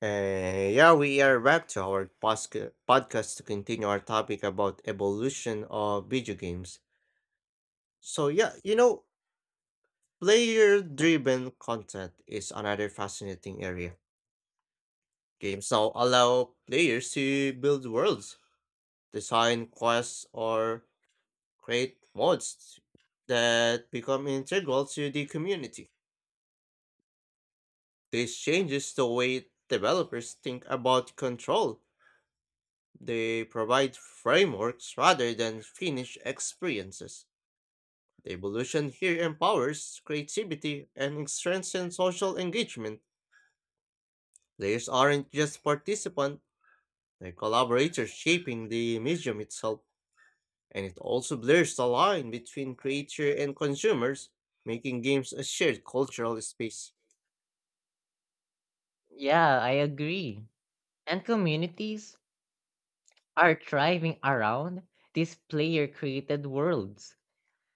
Yeah, we are back to our podcast to continue our topic about evolution of video games. So yeah, you know, player-driven content is another fascinating area. Games now allow players to build worlds, design quests, or create mods that become integral to the community. This changes the way developers think about control. They provide frameworks rather than finished experiences. The evolution here empowers creativity and strengthens social engagement. Players aren't just participants, they're collaborators shaping the medium itself, and it also blurs the line between creator and consumers, making games a shared cultural space. Yeah, I agree. And communities are thriving around these player created worlds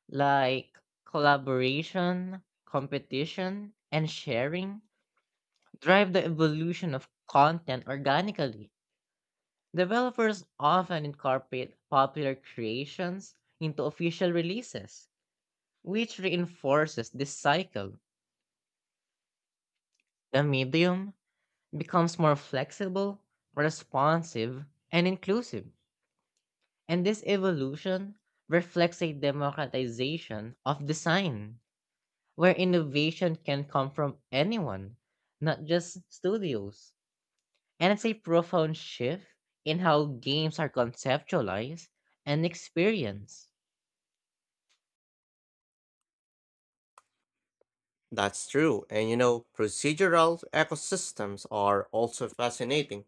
like collaboration, competition, and sharing drive the evolution of content organically. Developers often incorporate popular creations into official releases, which reinforces this cycle. The medium becomes more flexible, responsive, and inclusive. And this evolution reflects a democratization of design, where innovation can come from anyone, not just studios. And it's a profound shift in how games are conceptualized and experienced. That's true, and you know, procedural ecosystems are also fascinating.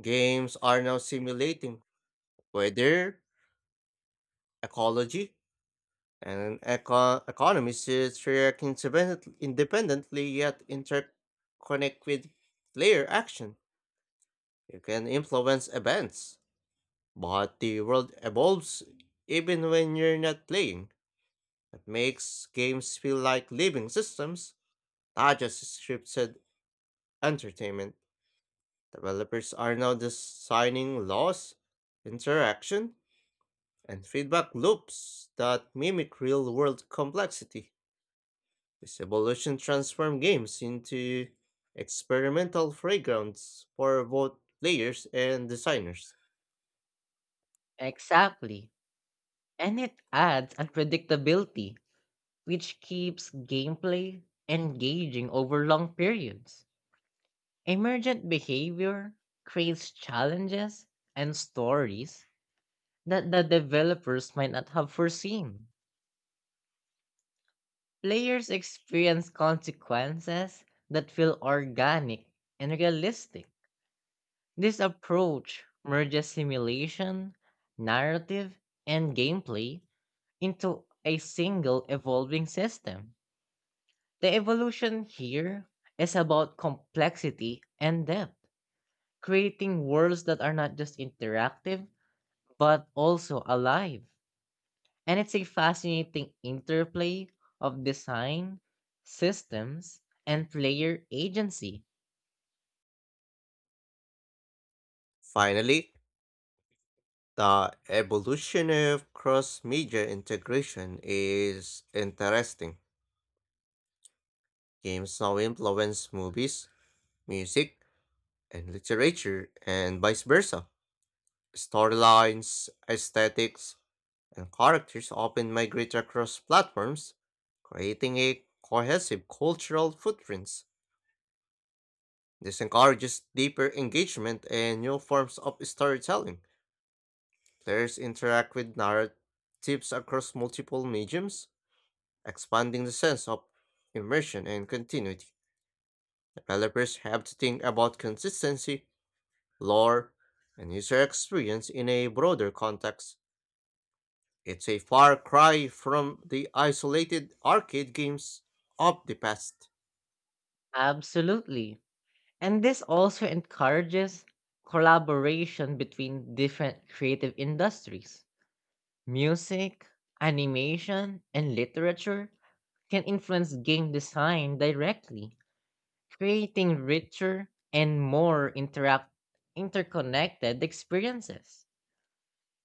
Games are now simulating weather, ecology, and economies, which independently yet interconnect with player action. You can influence events, but the world evolves even when you're not playing. That makes games feel like living systems, not just scripted entertainment. Developers are now designing laws, interaction, and feedback loops that mimic real world complexity. This evolution transformed games into experimental playgrounds for both players and designers. Exactly. And it adds unpredictability, which keeps gameplay engaging over long periods. Emergent behavior creates challenges and stories that the developers might not have foreseen. Players experience consequences that feel organic and realistic. This approach merges simulation, narrative, and gameplay into a single evolving system. The evolution here is about complexity and depth, creating worlds that are not just interactive but also alive. And it's a fascinating interplay of design, systems, and player agency. Finally, the evolution of cross media integration is interesting. Games now influence movies, music, and literature, and vice versa. Storylines, aesthetics, and characters often migrate across platforms, creating a cohesive cultural footprint. This encourages deeper engagement and new forms of storytelling. Players interact with narratives across multiple mediums, expanding the sense of immersion and continuity. Developers have to think about consistency, lore, and user experience in a broader context. It's a far cry from the isolated arcade games of the past. Absolutely. And this also encourages collaboration between different creative industries. Music, animation, and literature can influence game design directly, creating richer and more interact interconnected experiences.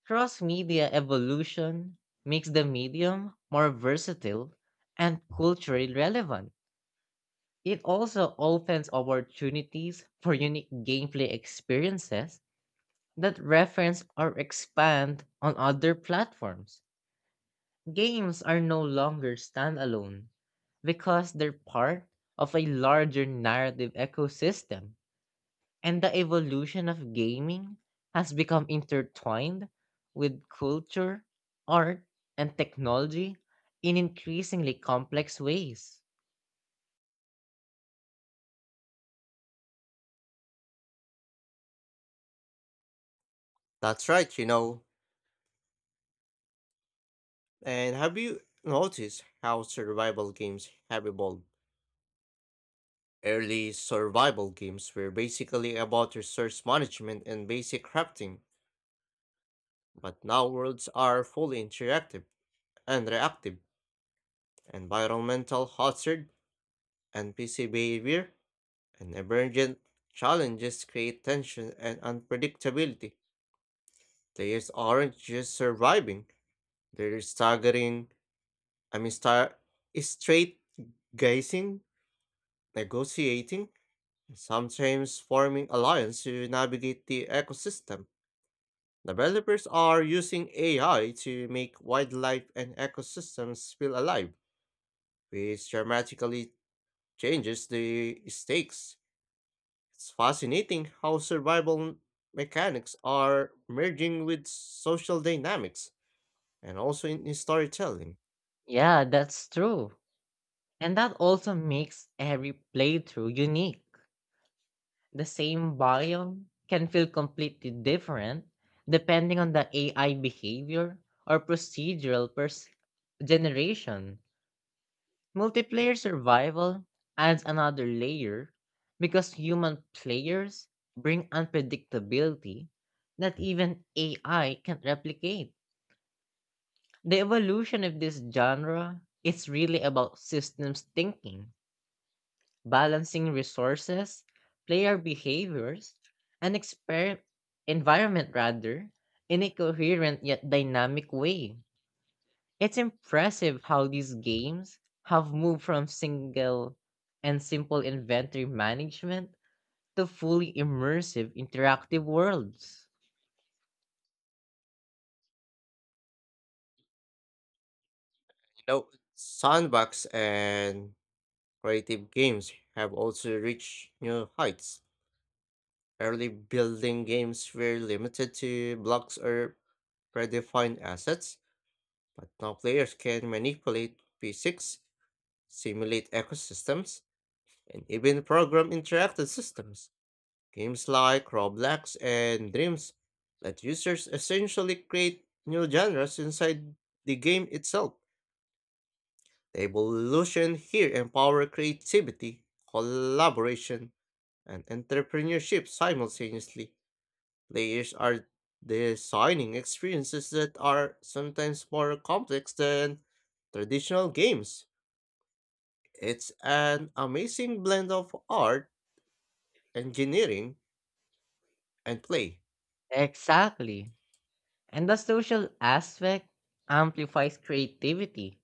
Cross-media evolution makes the medium more versatile and culturally relevant. It also opens opportunities for unique gameplay experiences that reference or expand on other platforms. Games are no longer standalone because they're part of a larger narrative ecosystem. And the evolution of gaming has become intertwined with culture, art, and technology in increasingly complex ways. That's right, you know. And have you noticed how survival games have evolved? Early survival games were basically about resource management and basic crafting, but now worlds are fully interactive and reactive. Environmental hazard, NPC behavior, and emergent challenges create tension and unpredictability. Players aren't just surviving, they're staggering, I mean, star, straight gazing, negotiating, and sometimes forming alliances to navigate the ecosystem. Developers are using AI to make wildlife and ecosystems feel alive, which dramatically changes the stakes. It's fascinating how survival mechanics are merging with social dynamics and also in storytelling. Yeah, that's true. And that also makes every playthrough unique. The same biome can feel completely different depending on the AI behavior or generation. Multiplayer survival adds another layer because human players bring unpredictability that even AI can't replicate. The evolution of this genre is really about systems thinking, balancing resources, player behaviors, and environment rather in a coherent yet dynamic way. It's impressive how these games have moved from single and simple inventory management to fully immersive interactive worlds. You know, sandbox and creative games have also reached new heights. Early building games were limited to blocks or predefined assets. But now players can manipulate physics, simulate ecosystems, and even program interactive systems. Games like Roblox and Dreams let users essentially create new genres inside the game itself. The evolution here empower creativity, collaboration, and entrepreneurship simultaneously. Players are designing experiences that are sometimes more complex than traditional games. It's an amazing blend of art, engineering, and play. Exactly. And the social aspect amplifies creativity.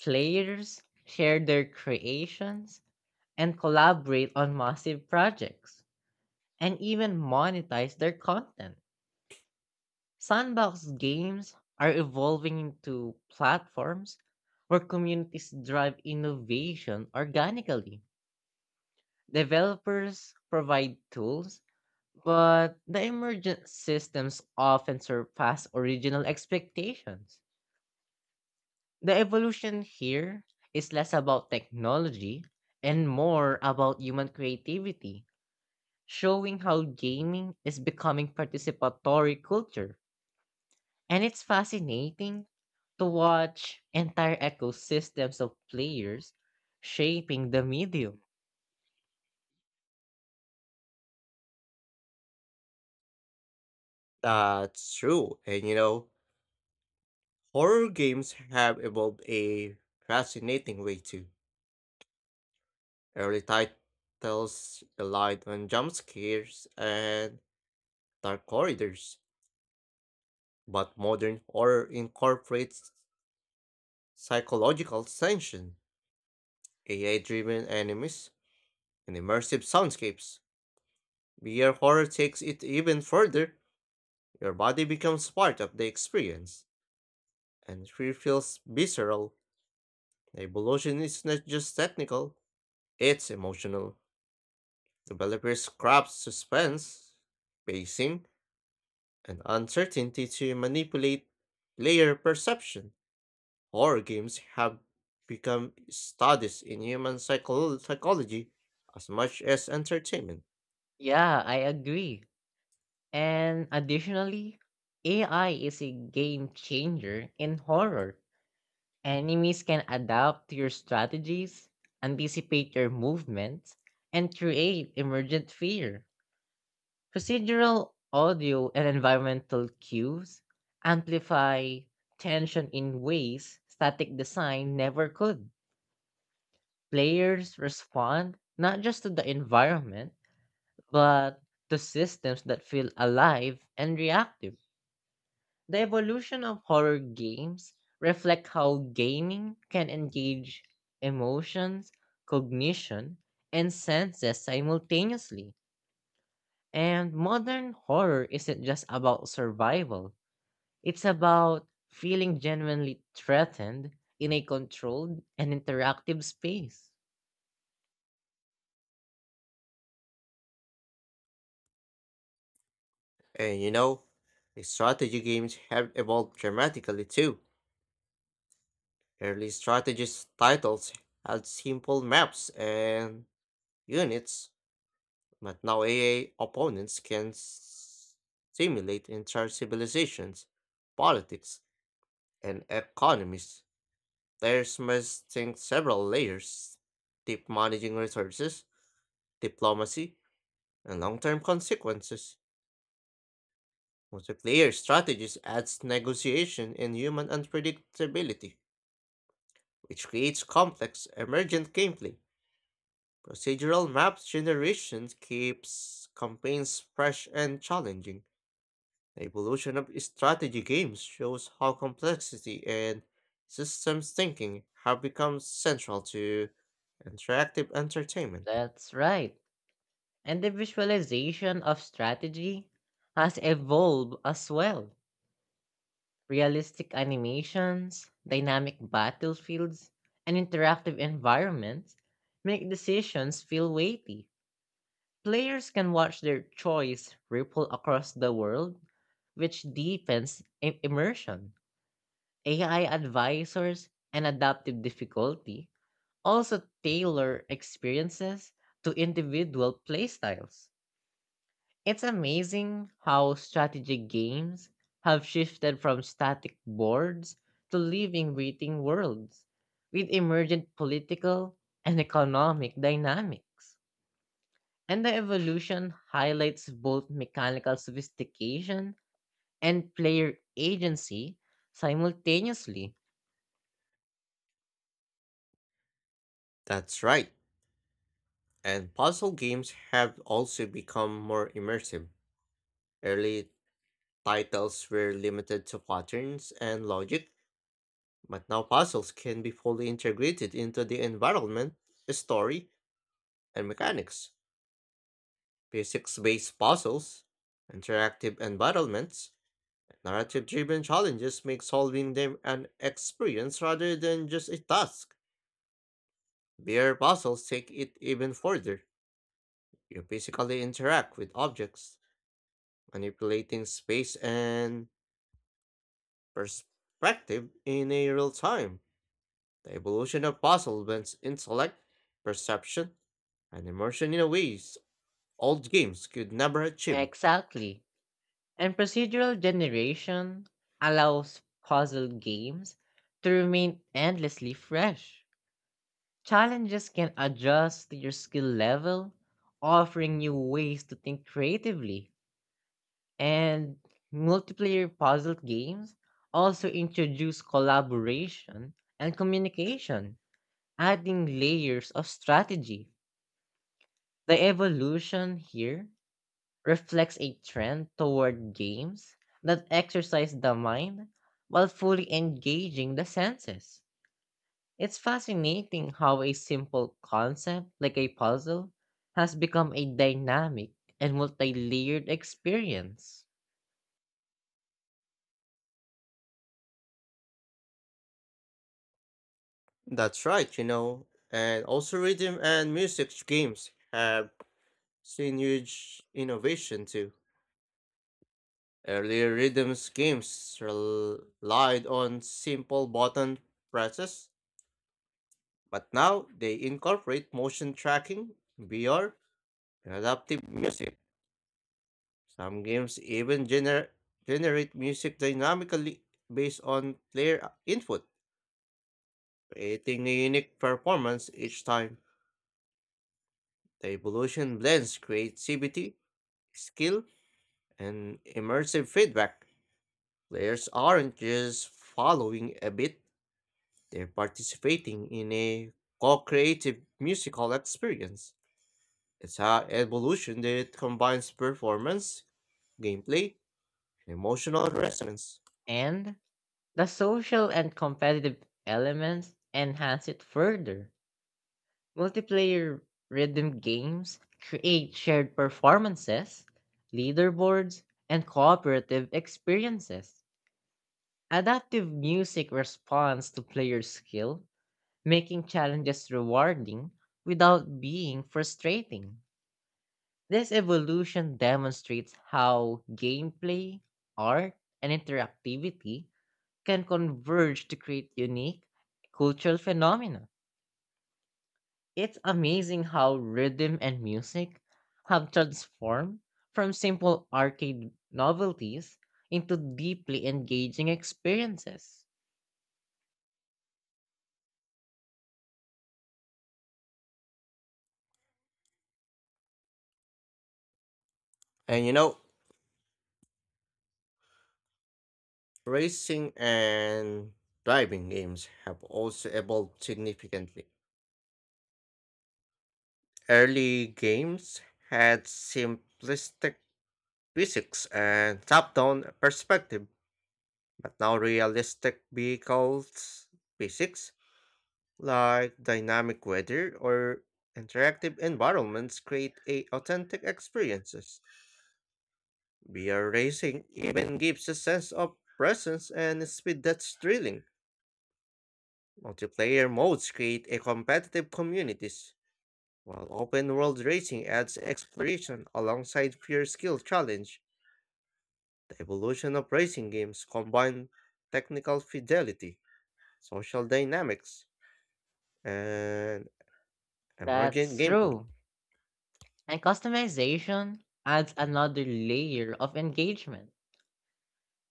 Players share their creations and collaborate on massive projects and even monetize their content. Sandbox games are evolving into platforms where communities drive innovation organically. Developers provide tools, but the emergent systems often surpass original expectations. The evolution here is less about technology and more about human creativity, showing how gaming is becoming participatory culture. And it's fascinating to watch entire ecosystems of players shaping the medium. That's true. And you know, horror games have evolved a fascinating way too. Early titles relied on jump scares and dark corridors, but modern horror incorporates psychological tension, AI-driven enemies, and immersive soundscapes. VR horror takes it even further. Your body becomes part of the experience, and fear feels visceral. Evolution is not just technical, it's emotional. Developers craft suspense, pacing, and uncertainty to manipulate player perception. Horror games have become studies in psychology as much as entertainment. Yeah, I agree. And additionally, AI is a game changer in horror. Enemies can adapt to your strategies, anticipate your movements, and create emergent fear. Procedural audio and environmental cues amplify tension in ways static design never could. Players respond not just to the environment, but to systems that feel alive and reactive. The evolution of horror games reflect how gaming can engage emotions, cognition, and senses simultaneously. And modern horror isn't just about survival. It's about feeling genuinely threatened in a controlled and interactive space. And you know, the strategy games have evolved dramatically too. Early strategist titles had simple maps and units. But now AI opponents can simulate entire civilizations, politics, and economies. Players must think several layers, deep managing resources, diplomacy, and long-term consequences. Multiplayer strategies adds negotiation and human unpredictability, which creates complex, emergent gameplay. Procedural map generation keeps campaigns fresh and challenging. The evolution of strategy games shows how complexity and systems thinking have become central to interactive entertainment. That's right. And the visualization of strategy has evolved as well. Realistic animations, dynamic battlefields, and interactive environments make decisions feel weighty. Players can watch their choice ripple across the world, which deepens immersion. AI advisors and adaptive difficulty also tailor experiences to individual playstyles. It's amazing how strategy games have shifted from static boards to living, breathing worlds with emergent political and economic dynamics. And the evolution highlights both mechanical sophistication and player agency simultaneously. That's right, and puzzle games have also become more immersive. Early titles were limited to patterns and logic, but now puzzles can be fully integrated into the environment, story, and mechanics. Physics based puzzles, interactive environments, narrative driven challenges make solving them an experience rather than just a task. Beer puzzles take it even further. You physically interact with objects, manipulating space and perspective in a real time. The evolution of puzzle blends intellect, perception, and immersion in a ways old games could never achieve. Exactly. And procedural generation allows puzzle games to remain endlessly fresh. Challenges can adjust to your skill level, offering new ways to think creatively. And multiplayer puzzle games also introduce collaboration and communication, adding layers of strategy. The evolution here reflects a trend toward games that exercise the mind while fully engaging the senses. It's fascinating how a simple concept like a puzzle has become a dynamic and multi layered experience. That's right, you know. And also rhythm and music games have seen huge innovation too. Earlier rhythm schemes relied on simple button presses, but now they incorporate motion tracking, VR, and adaptive music. Some games even generate music dynamically based on player input, creating a unique performance each time. The evolution blends creativity, skill, and immersive feedback. Players aren't just following a beat. They're participating in a co-creative musical experience. It's an evolution that combines performance, gameplay, and emotional resonance. And the social and competitive elements enhance it further. Multiplayer rhythm games create shared performances, leaderboards, and cooperative experiences. Adaptive music responds to player skill, making challenges rewarding without being frustrating. This evolution demonstrates how gameplay, art, and interactivity can converge to create unique cultural phenomena. It's amazing how rhythm and music have transformed from simple arcade novelties into deeply engaging experiences. And you know, racing and driving games have also evolved significantly. Early games had simplistic physics and top down perspective, but now realistic vehicles physics, like dynamic weather or interactive environments, create a authentic experiences. VR racing even gives a sense of presence and speed that's thrilling. Multiplayer modes create a competitive communities, while open world racing adds exploration alongside pure skill challenge. The evolution of racing games combine technical fidelity, social dynamics, and emergent That's gameplay. true. And customization adds another layer of engagement.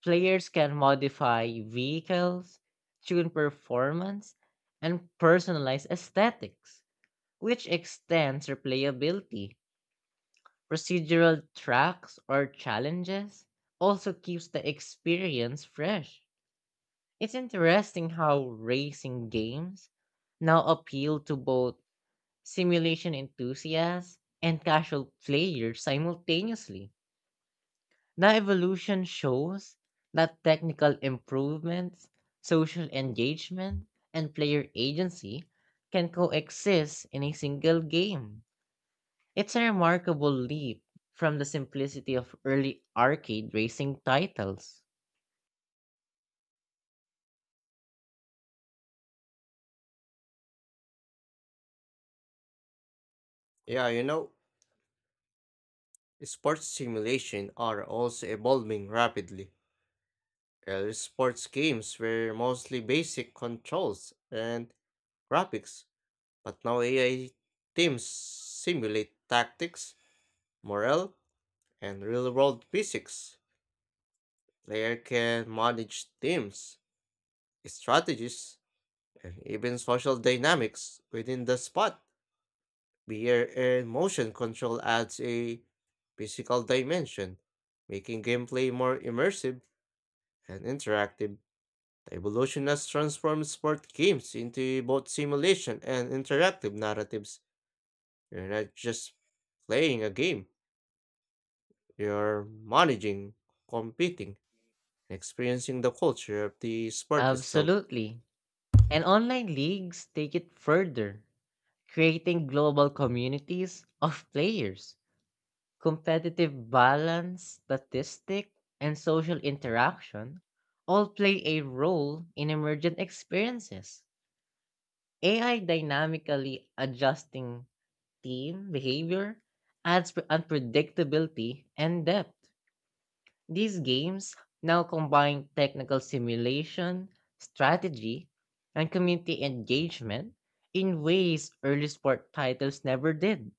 Players can modify vehicles, tune performance, and personalize aesthetics, which extends replayability. Procedural tracks or challenges also keeps the experience fresh. It's interesting how racing games now appeal to both simulation enthusiasts and casual players simultaneously. The evolution shows that technical improvements, social engagement, and player agency can coexist in a single game. It's a remarkable leap from the simplicity of early arcade racing titles. Yeah, you know, Sports simulation are also evolving rapidly. Early sports games were mostly basic controls and graphics, but now AI teams simulate tactics, morale, and real world physics. Player can manage teams, strategies, and even social dynamics within the spot. Behavior and motion control adds a physical dimension, making gameplay more immersive and interactive. The evolution has transformed sport games into both simulation and interactive narratives. You're not just playing a game, you're managing, competing, and experiencing the culture of the sport itself. Absolutely. And online leagues take it further, creating global communities of players. Competitive balance, statistic, and social interaction all play a role in emergent experiences. AI dynamically adjusting team behavior adds unpredictability and depth. These games now combine technical simulation, strategy, and community engagement in ways early sport titles never did.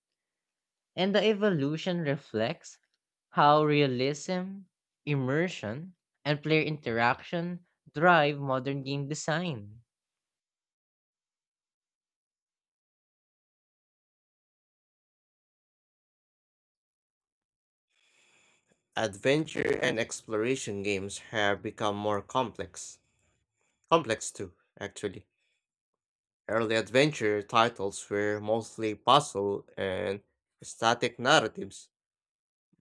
And the evolution reflects how realism, immersion, and player interaction drive modern game design. Adventure and exploration games have become more complex. Complex too, actually. Early adventure titles were mostly puzzle and static narratives,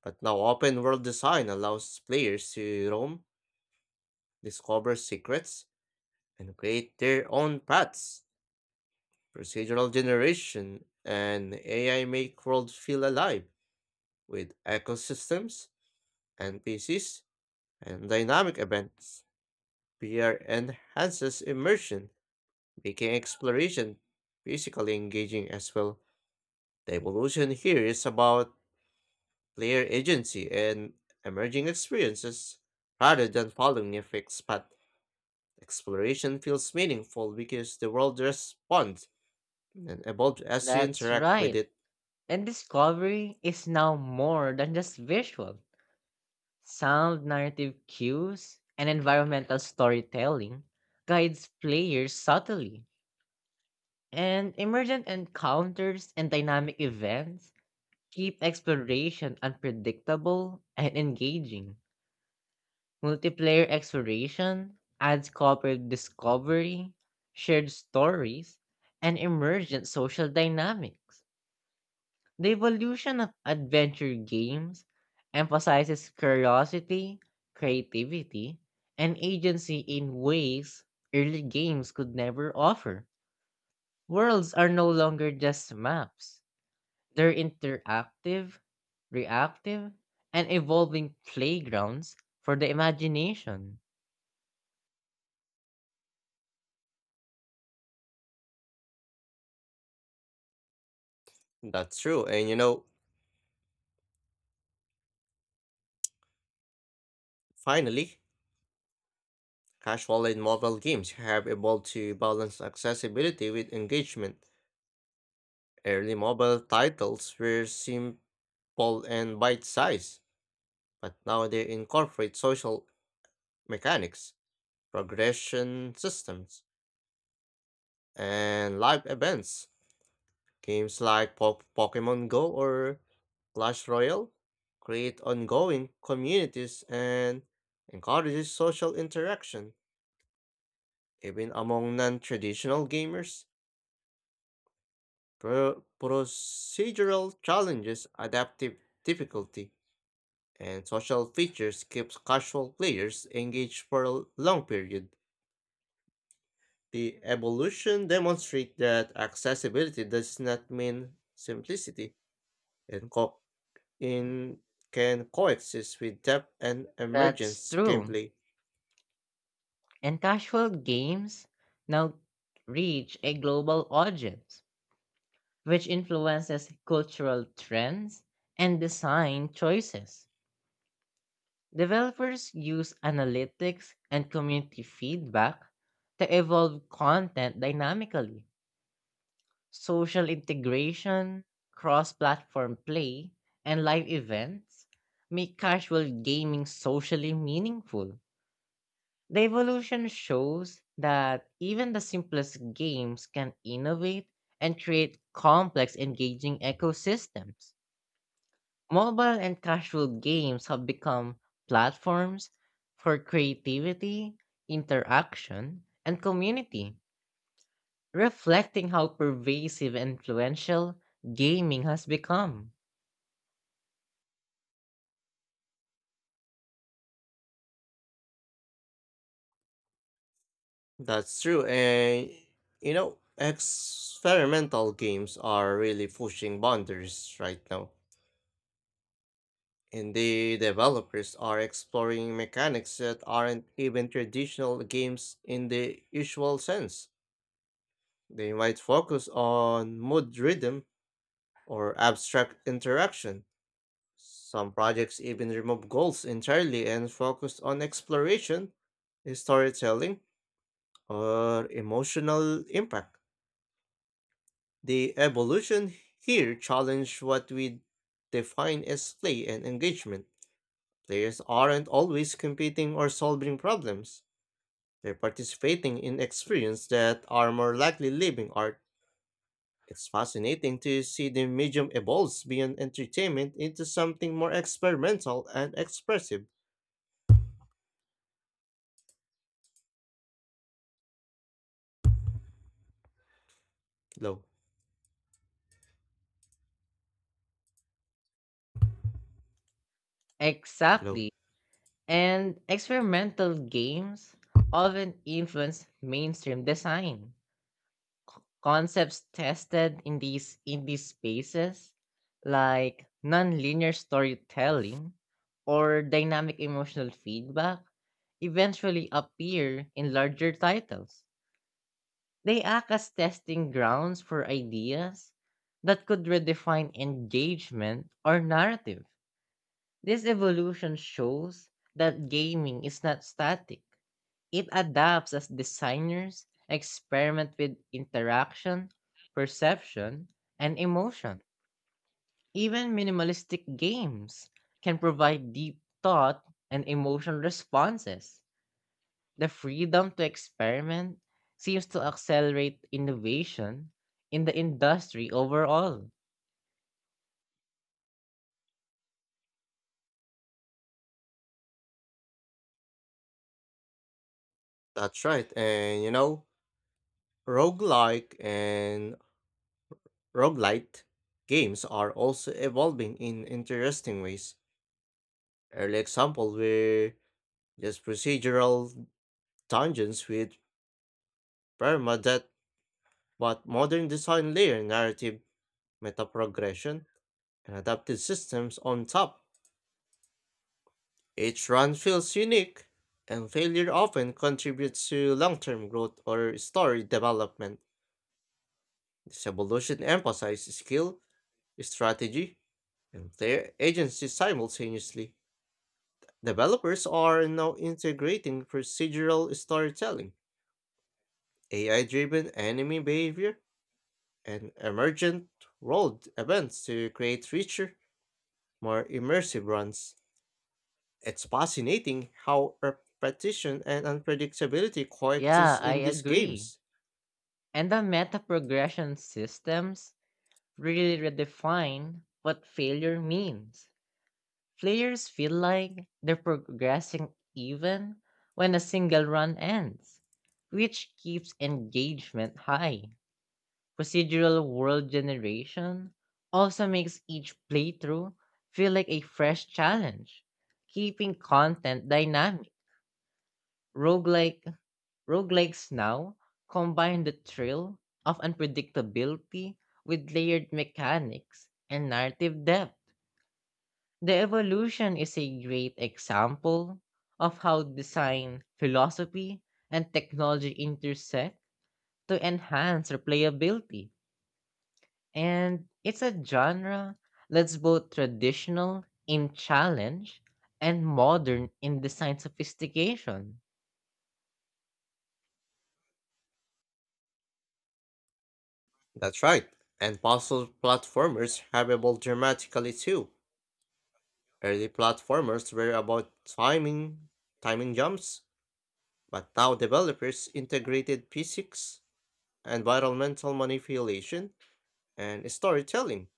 but now open world design allows players to roam, discover secrets, and create their own paths. Procedural generation and AI make world feel alive with ecosystems, NPCs, and dynamic events. VR enhances immersion, making exploration physically engaging as well. The evolution here is about player agency and emerging experiences rather than following a fixed path. Exploration feels meaningful because the world responds and evolved as you That's interact with right. it. And discovery is now more than just visual. Sound narrative cues and environmental storytelling guides players subtly. And emergent encounters and dynamic events keep exploration unpredictable and engaging. Multiplayer exploration adds cooperative discovery, shared stories, and emergent social dynamics. The evolution of adventure games emphasizes curiosity, creativity, and agency in ways early games could never offer. Worlds are no longer just maps, they're interactive, reactive, and evolving playgrounds for the imagination. That's true. And you know, finally, casual and mobile games have evolved to balance accessibility with engagement. Early mobile titles were simple and bite sized, but now they incorporate social mechanics, progression systems, and live events. Games like Pokemon Go or Clash Royale create ongoing communities and encourages social interaction, even among non-traditional gamers. Procedural challenges, adaptive difficulty, and social features keeps casual players engaged for a long period. The evolution demonstrates that accessibility does not mean simplicity. And co- in can coexist with depth and That's emergence true. gameplay. And casual games now reach a global audience, which influences cultural trends and design choices. Developers use analytics and community feedback to evolve content dynamically. Social integration, cross platform play, and live events make casual gaming socially meaningful. The evolution shows that even the simplest games can innovate and create complex, engaging ecosystems. Mobile and casual games have become platforms for creativity, interaction, and community, reflecting how pervasive and influential gaming has become. That's true, and you know, experimental games are really pushing boundaries right now. And the developers are exploring mechanics that aren't even traditional games in the usual sense. They might focus on mood rhythm or abstract interaction. Some projects even remove goals entirely and focus on exploration, storytelling, or emotional impact. The evolution here challenge what we define as play and engagement. Players aren't always competing or solving problems. They're participating in experiences that are more likely living art. It's fascinating to see the medium evolves beyond entertainment into something more experimental and expressive. Hello, hello. Exactly. And experimental games often influence mainstream design concepts tested in these spaces like nonlinear storytelling or dynamic emotional feedback eventually appear in larger titles. They act as testing grounds for ideas that could redefine engagement or narrative. This evolution shows that gaming is not static. It adapts as designers experiment with interaction, perception, and emotion. Even minimalistic games can provide deep thought and emotional responses. The freedom to experiment seems to accelerate innovation in the industry overall. That's right. And you know, roguelike and roguelite games are also evolving in interesting ways. Early example were just procedural dungeons with permadeath, but modern design layer narrative, meta progression, and adaptive systems on top. Each run feels unique, and failure often contributes to long term growth or story development. This evolution emphasizes skill, strategy, and their agencies simultaneously. Developers are now integrating procedural storytelling, AI driven enemy behavior, and emergent world events to create richer, more immersive runs. It's fascinating how repetition and unpredictability Yeah, coexist I in these agree. games. And the meta progression systems really redefine what failure means. Players feel like they're progressing even when a single run ends, which keeps engagement high. Procedural world generation also makes each playthrough feel like a fresh challenge, keeping content dynamic. Roguelike Roguelikes now combine the thrill of unpredictability with layered mechanics and narrative depth. The evolution is a great example of how design, philosophy, and technology intersect to enhance replayability. And it's a genre that's both traditional in challenge and modern in design sophistication. That's right, and puzzle platformers have evolved dramatically too. Early platformers were about timing, jumps. But now developers integrated physics, environmental manipulation, and storytelling.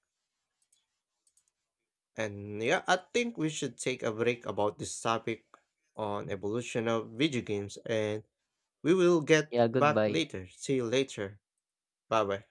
And yeah, I think we should take a break about this topic on evolution of video games, and we will get Yeah, back goodbye. later. See you later. Bye bye.